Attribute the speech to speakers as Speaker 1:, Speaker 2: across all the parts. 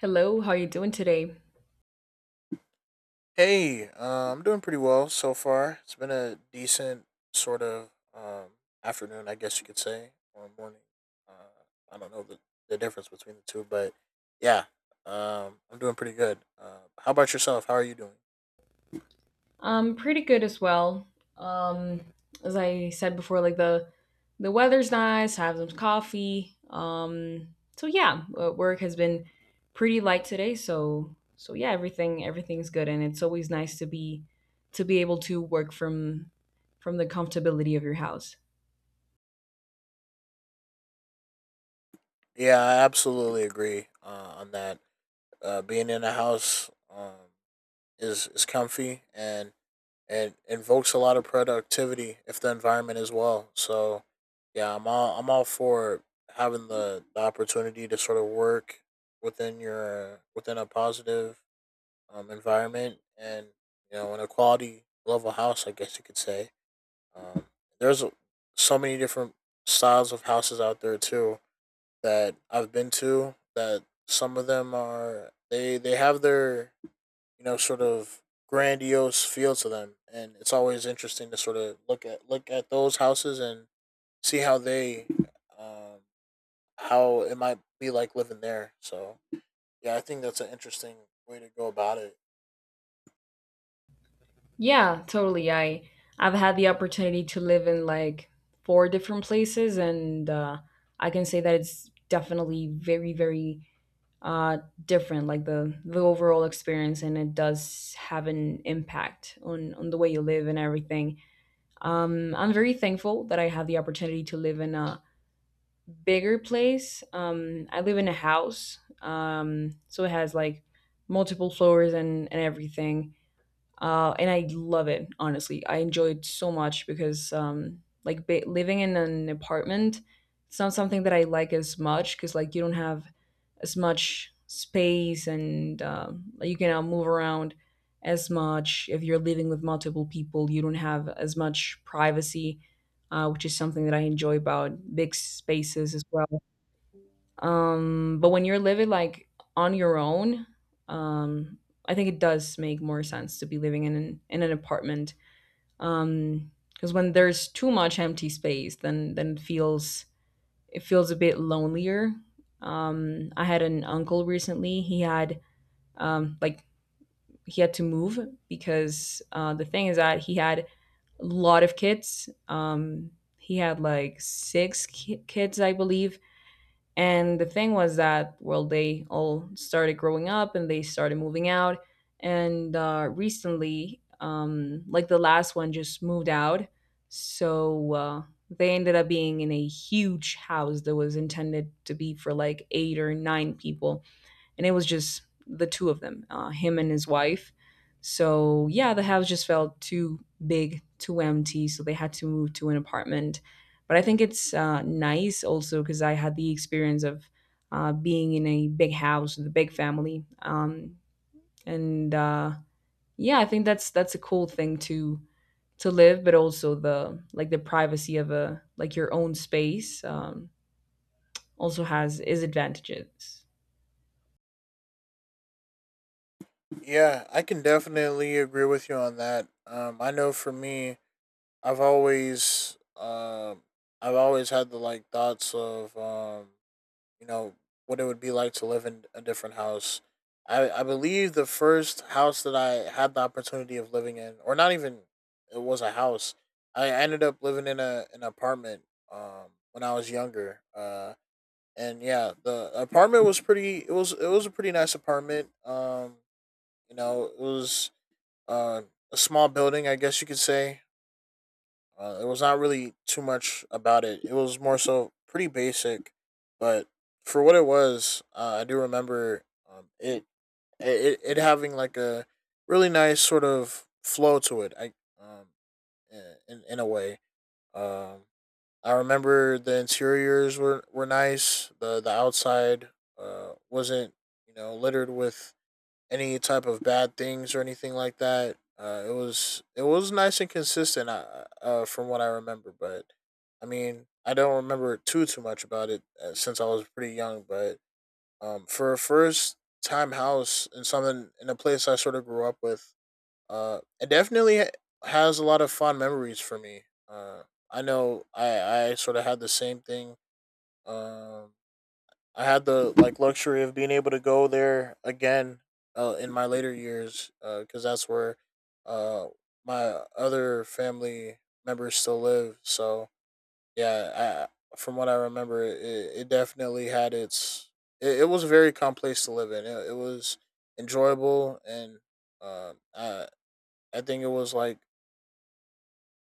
Speaker 1: Hello, how you doing today?
Speaker 2: Hey, I'm doing pretty well so far. It's been a decent sort of afternoon, I guess you could say, or morning. Uh, I don't know the difference between the two, but yeah, I'm doing pretty good. How about yourself? How are you doing?
Speaker 1: Pretty good as well. Um, as I said before, like the weather's nice. I have some coffee. Work has been pretty light today. So yeah, everything's good, and it's always nice to be able to work from the comfortability of your house.
Speaker 2: Yeah, I absolutely agree on that. Being in the house, is comfy and invokes a lot of productivity if the environment is well. So yeah, I'm all for having the opportunity to sort of work within a positive environment and you know in a quality level house, I guess you could say. Um, there's so many different styles of houses out there too that I've been to that some of them are they have their you know, sort of grandiose feel to them, and it's always interesting to sort of look at those houses and see how um, how it might be like living there. So yeah, I think that's an interesting way to go about it.
Speaker 1: Yeah, totally. I I've had the opportunity to live in like four different places, and I can say that it's definitely very uh, different, like the overall experience, and it does have an impact on the way you live and everything. I'm very thankful that I have the opportunity to live in a bigger place. I live in a house, so it has like multiple floors and everything, and I love it. Honestly, I enjoy it so much because like living in an apartment, it's not something that I like as much because like you don't have as much space and like, you cannot move around as much if you're living with multiple people. You don't have as much privacy, which is something that I enjoy about big spaces as well. But when you're living like on your own, um, I think it does make more sense to be living in in an apartment. Because when there's too much empty space, then it feels a bit lonelier. I had an uncle recently. He had um like he had to move because the thing is that he had a lot of kids. He had like kids, I believe, and the thing was that, well, they all started growing up and they started moving out. And recently, like the last one just moved out. So they ended up being in a huge house that was intended to be for like eight or nine people, and it was just the two of them, him and his wife. So yeah, the house just felt too big, too empty, so they had to move to an apartment. But I think it's nice also because I had the experience of being in a big house with a big family, and yeah, I think that's a cool thing to live, but also the like the privacy of a like your own space also has is advantages.
Speaker 2: Yeah, I can definitely agree with you on that. I know for me, I've always, um, I've always had the like thoughts of, you know what it would be like to live in a different house. I believe the first house that I had the opportunity of living in, or not even it was a house. I ended up living in a an apartment when I was younger. And yeah, the apartment was pretty it was a pretty nice apartment. You know, it was uh, a small building, I guess you could say. It was not really too much about it. It was more so pretty basic, but for what it was, I do remember um, it, it having like a really nice sort of flow to it. I um in a way. Um, I remember the interiors were nice. The outside wasn't you know littered with any type of bad things or anything like that. It was nice and consistent from what I remember, but I mean I don't remember too much about it since I was pretty young. But for a first time house and something in a place I sort of grew up with, it definitely has a lot of fond memories for me. I know I I sort of had the same thing. Um, I had the like luxury of being able to go there again in my later years because that's where uh, my other family members still live. So yeah, from what I remember, it definitely had its. It was a very calm place to live in. It was enjoyable, and uh, I I think it was like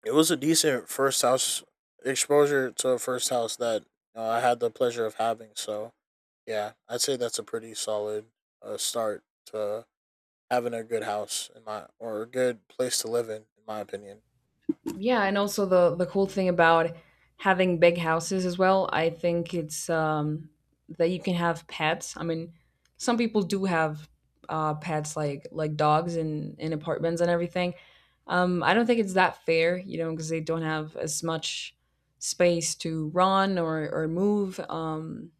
Speaker 2: it was a decent first house exposure to a first house that I had the pleasure of having. So yeah, I'd say that's a pretty solid start to having a good house in my or a good place to live in my opinion.
Speaker 1: Yeah, and also the cool thing about having big houses as well, I think it's that you can have pets. I mean, some people do have pets like dogs in apartments and everything. I don't think it's that fair, you know, because they don't have as much space to run or move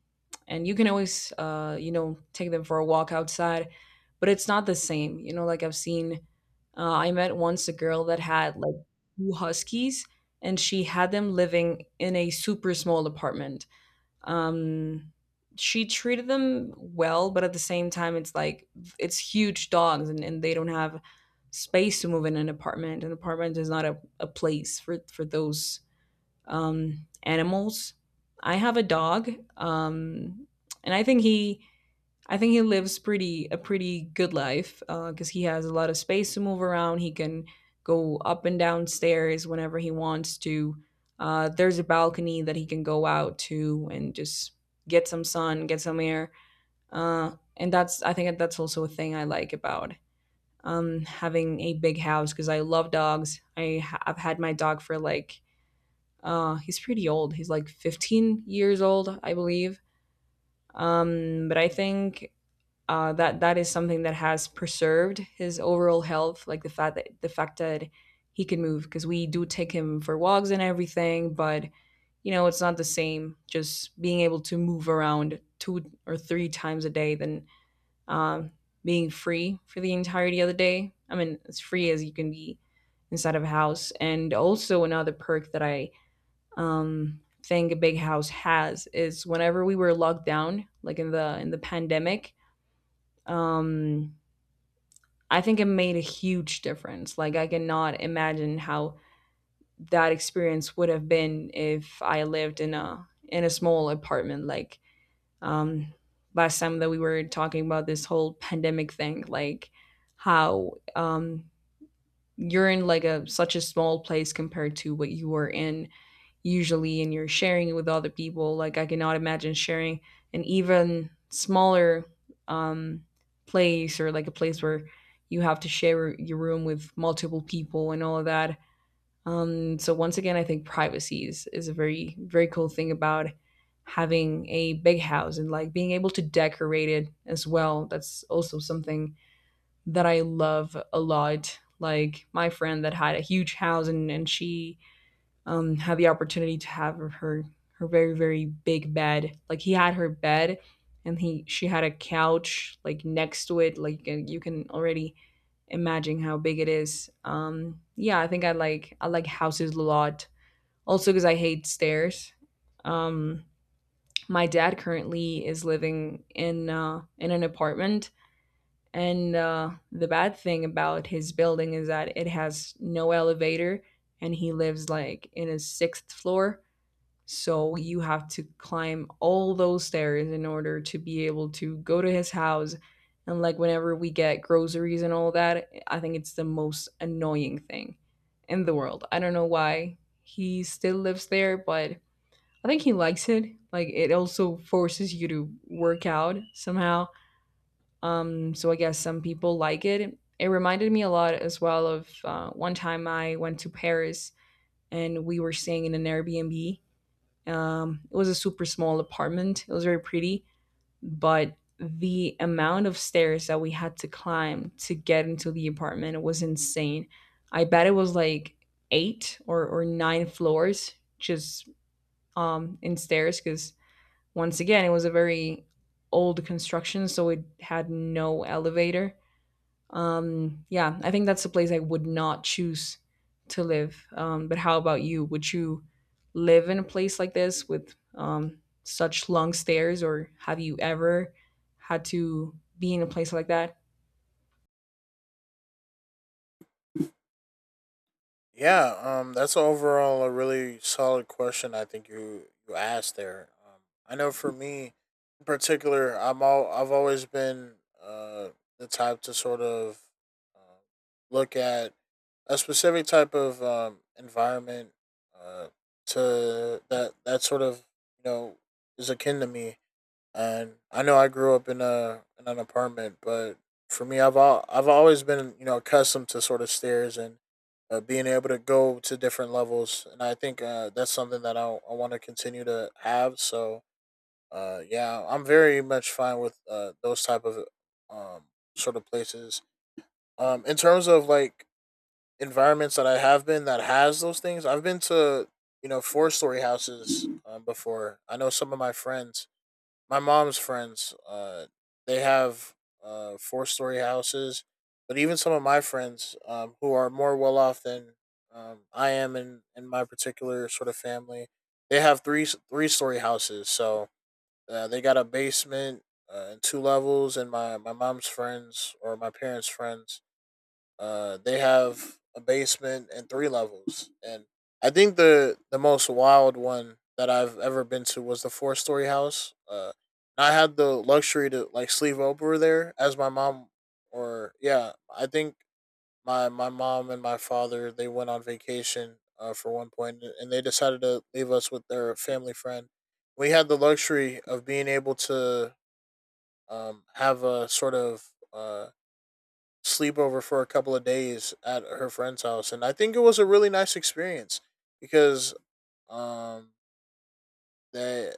Speaker 1: and you can always you know take them for a walk outside, but it's not the same. You know, like I've seen I met once a girl that had like two huskies, and she had them living in a super small apartment. Um, she treated them well, but at the same time, it's like it's huge dogs and they don't have space to move in an apartment. An apartment is not a place for those animals. I have a dog, um, and I think he lives pretty a pretty good life because he has a lot of space to move around. He can go up and down stairs whenever he wants to. There's a balcony that he can go out to and just get some sun, get some air. Uh, and that's I think that's also a thing I like about having a big house because I love dogs. I've had my dog for like he's pretty old. He's like 15 years old, I believe. But I think that that is something that has preserved his overall health, like the fact that he can move because we do take him for walks and everything, but you know it's not the same just being able to move around two or three times a day than um, being free for the entirety of the day. I mean, as free as you can be inside of a house. And also another perk that I think a big house has is whenever we were locked down, like in the pandemic, um, I think it made a huge difference. Like I cannot imagine how that experience would have been if I lived in a small apartment. Like um, last time that we were talking about this whole pandemic thing, like how you're in like a such a small place compared to what you were in usually, and you're sharing it with other people. Like I cannot imagine sharing an even smaller um, place or like a place where you have to share your room with multiple people and all of that, so once again I think privacy is a very cool thing about having a big house, and like being able to decorate it as well, that's also something that I love a lot, like my friend that had a huge house and she had the opportunity to have her her very big bed. Like he had her bed, and he she had a couch like next to it. Like, and you can already imagine how big it is. Yeah, I think I like houses a lot. Also because I hate stairs. Um, my dad currently is living in an apartment, and the bad thing about his building is that it has no elevator, and he lives like in his sixth floor. So you have to climb all those stairs in order to be able to go to his house. And like whenever we get groceries and all that, I think it's the most annoying thing in the world. I don't know why he still lives there, but I think he likes it. Like it also forces you to work out somehow. So I guess some people like it. It reminded me a lot as well of one time I went to Paris and we were staying in an Airbnb. It was a super small apartment. It was very pretty, but the amount of stairs that we had to climb to get into the apartment was insane. I bet it was like eight or nine floors just in stairs because once again it was a very old construction, so it had no elevator. Yeah, I think that's the place I would not choose to live. But how about you? Would you live in a place like this with such long stairs, or have you ever had to be in a place like that?
Speaker 2: Yeah, that's overall a really solid question. I think you asked there. I know for me in particular, I've always been uh the type to sort of uh, look at a specific type of environment uh to that that sort of you know is akin to me. And I know I grew up in a in an apartment, but for me, I've always been you know accustomed to sort of stairs and being able to go to different levels, and I think that's something that I want to continue to have. So yeah, I'm very much fine with those type of um, sort of places. In terms of like environments that I have been that has those things, I've been to you know four-story houses before. I know some of my friends my mom's friends, they have four-story houses, but even some of my friends, who are more well off than I am in my particular sort of family, they have three-story houses. So they got a basement and two levels, and my mom's friends or my parents' friends they have a basement and three levels, and I think the most wild one that I've ever been to was the four-story house. I had the luxury to like sleep over there as my mom, or yeah, I think my mom and my father they went on vacation for one point, and they decided to leave us with their family friend. We had the luxury of being able to have a sort of sleepover for a couple of days at her friend's house, and I think it was a really nice experience because um they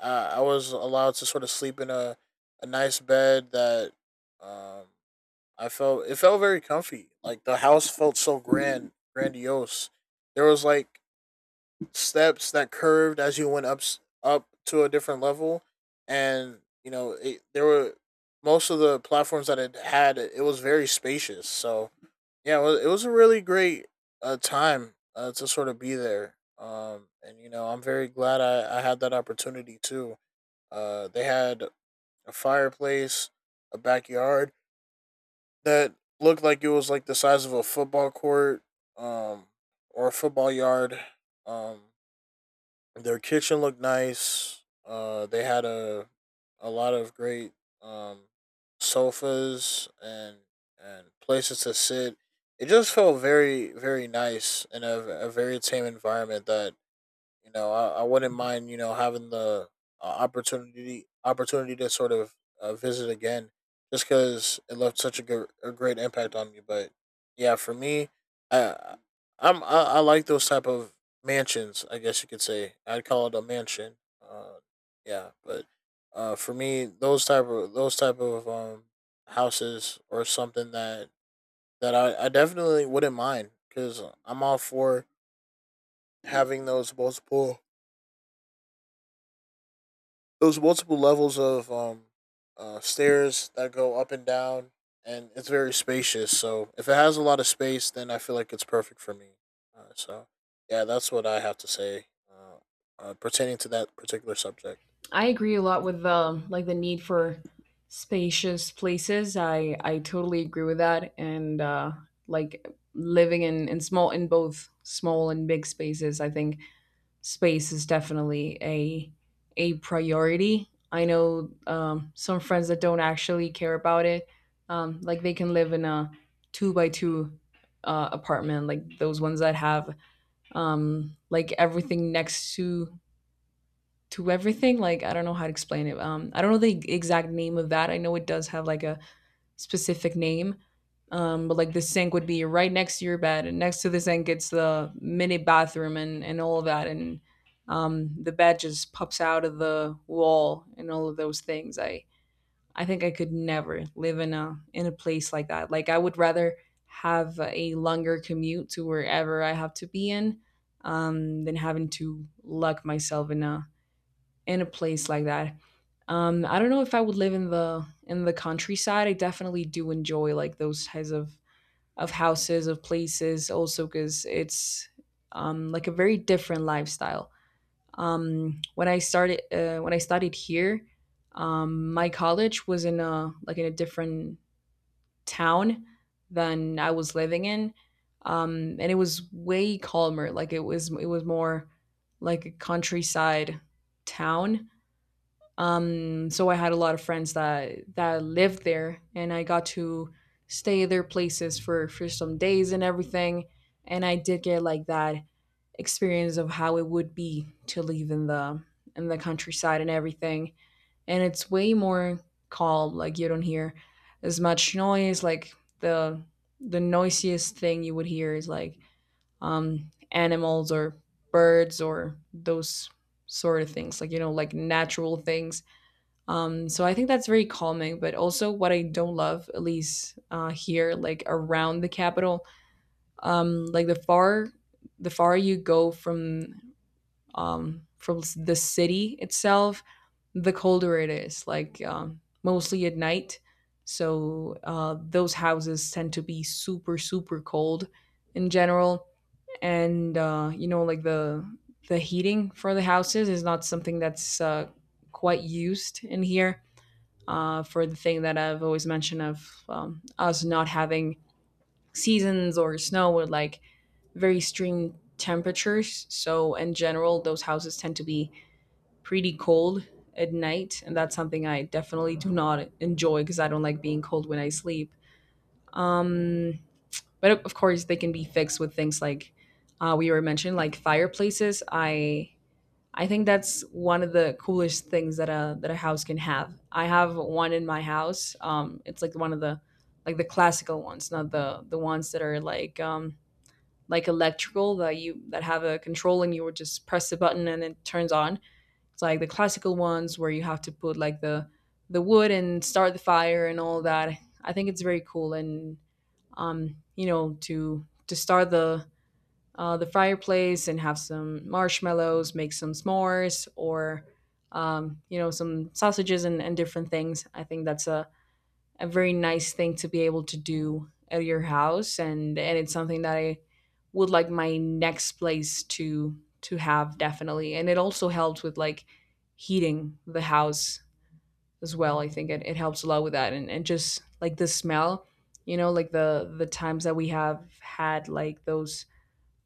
Speaker 2: I, I was allowed to sort of sleep in a nice bed that um I felt it felt very comfy. Like the house felt so grandiose. There was like steps that curved as you went up to a different level, and you know there were most of the platforms that it had. It was very spacious, so yeah, well, it was a really great time to sort of be there. And you know, I'm very glad I had that opportunity too. They had a fireplace, a backyard that looked like it was like the size of a football court, um, or a football yard. Um, their kitchen looked nice. They had a lot of great um, sofas and places to sit. It just felt very nice in a very tame environment that you know, I wouldn't mind you know having the opportunity to sort of visit again, just because it left such a great impact on me. But yeah, for me, I I like those type of mansions. I guess you could say I'd call it a mansion. Uh, yeah, but For me, those type of houses or something that I definitely wouldn't mind because I'm all for having those multiple levels of stairs that go up and down, and it's very spacious. So if it has a lot of space, then I feel like it's perfect for me. So yeah, that's what I have to say pertaining to that particular subject.
Speaker 1: I agree a lot with the like the need for spacious places. I totally agree with that, and like living in small in both small and big spaces. I think space is definitely a priority. I know some friends that don't actually care about it. Like they can live in a two by two apartment, like those ones that have like everything next to everything. Like I don't know how to explain it. I don't know the exact name of that. I know it does have like a specific name, but like the sink would be right next to your bed, and next to the sink it's the mini bathroom and all of that, and the bed just pops out of the wall and all of those things. I think I could never live in a place like that. Like I would rather have a longer commute to wherever I have to be in, than having to lock myself in a place like that. I don't know if I would live in the countryside. I definitely do enjoy like those types of houses of places, also because it's like a very different lifestyle. When I started when I studied here, my college was in a like in a different town than I was living in, and it was way calmer. Like it was more like a countryside town, so I had a lot of friends that that lived there, and I got to stay at their places for some days and everything. And I did get like that experience of how it would be to live in the countryside and everything. And it's way more calm. Like you don't hear as much noise. Like the the noisiest thing you would hear is like animals or birds or those sort of things. Like you know, like natural things, so I think that's very calming. But also, what I don't love, at least here, like around the capital, like the far you go from the city itself, the colder it is. Like mostly at night, so those houses tend to be super cold in general. And you know, like the heating for the houses is not something that's quite used in here for the thing that I've always mentioned of us not having seasons or snow with like very extreme temperatures. So in general, those houses tend to be pretty cold at night, and that's something I definitely do not enjoy because I don't like being cold when I sleep. Um, but of course, they can be fixed with things like we were mentioning, like fireplaces. I think that's one of the coolest things that a house can have. I have one in my house. It's like one of the like the classical ones, not the ones that are like electrical that you that have a control and you would just press the button and it turns on. It's like the classical ones where you have to put like the wood and start the fire and all that. I think it's very cool, and you know, to start the fireplace and have some marshmallows, make some s'mores, or you know, some sausages and different things. I think that's a very nice thing to be able to do at your house, and it's something that I would like my next place to have definitely. And it also helps with like heating the house as well. I think it, it helps a lot with that, and just like the smell, you know, like the times that we have had like those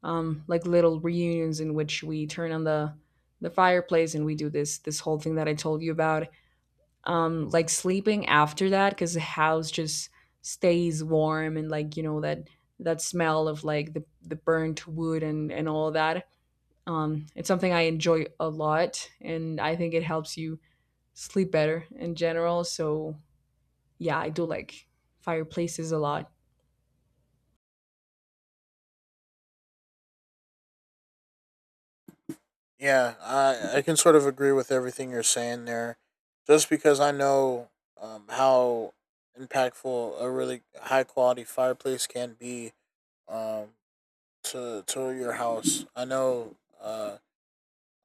Speaker 1: like little reunions in which we turn on the fireplace, and we do this this whole thing that I told you about. Like sleeping after that because the house just stays warm, and like you know that that smell of like the burnt wood and all that. It's something I enjoy a lot, and I think it helps you sleep better in general. So yeah, I do like fireplaces a lot.
Speaker 2: Yeah, I can sort of agree with everything you're saying there, just because I know how impactful a really high quality fireplace can be, um, to your house. I know. Uh,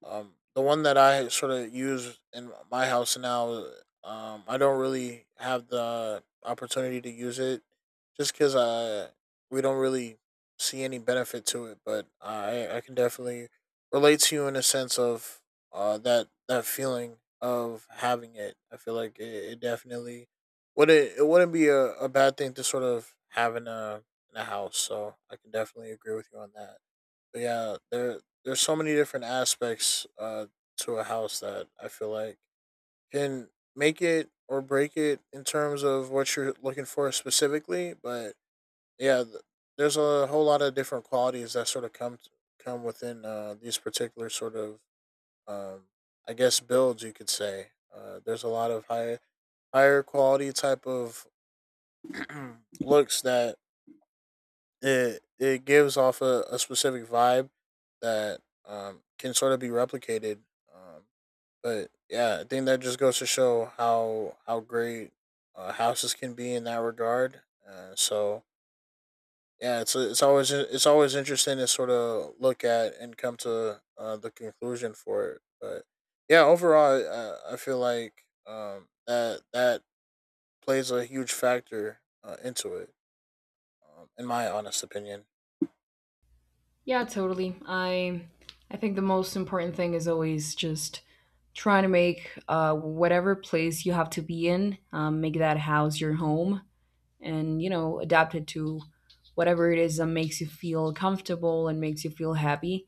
Speaker 2: The one that I sort of use in my house now, I don't really have the opportunity to use it, just because we don't really see any benefit to it. But I can definitely relate to you in a sense of that that feeling of having it. I feel like it definitely would it wouldn't be a bad thing to sort of have in a house. So I can definitely agree with you on that. Yeah, there's so many different aspects to a house that I feel like can make it or break it in terms of what you're looking for specifically. But yeah, there's a whole lot of different qualities that sort of come within these particular sort of um, I guess builds you could say. There's a lot of higher quality type of looks that it gives off a specific vibe that can sort of be replicated. Um, but yeah, I think that just goes to show how great houses can be in that regard. So yeah, it's always interesting to sort of look at and come to the conclusion for it. But yeah, overall, I feel like that plays a huge factor into it, in my honest opinion.
Speaker 1: Yeah, totally. I think the most important thing is always just trying to make whatever place you have to be in, make that house your home, and you know adapt it to whatever it is that makes you feel comfortable and makes you feel happy.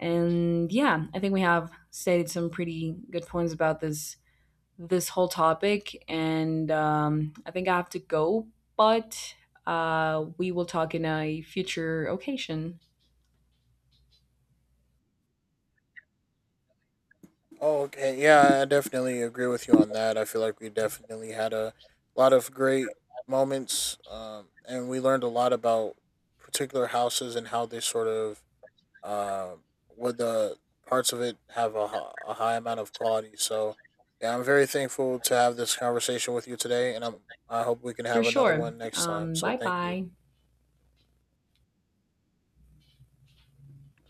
Speaker 1: And yeah, I think we have stated some pretty good points about this this whole topic. And I think I have to go, but we will talk in a future occasion.
Speaker 2: Oh, okay. Yeah, I definitely agree with you on that. I feel like we definitely had a lot of great moments, and we learned a lot about particular houses and how they sort of um, where the parts of it have a high amount of quality. So, yeah, I'm very thankful to have this conversation with you today, and I'm, I hope we can
Speaker 1: For
Speaker 2: have another
Speaker 1: sure.
Speaker 2: one next time. So,
Speaker 1: Bye
Speaker 2: thank you.
Speaker 1: bye.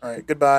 Speaker 2: All right, goodbye.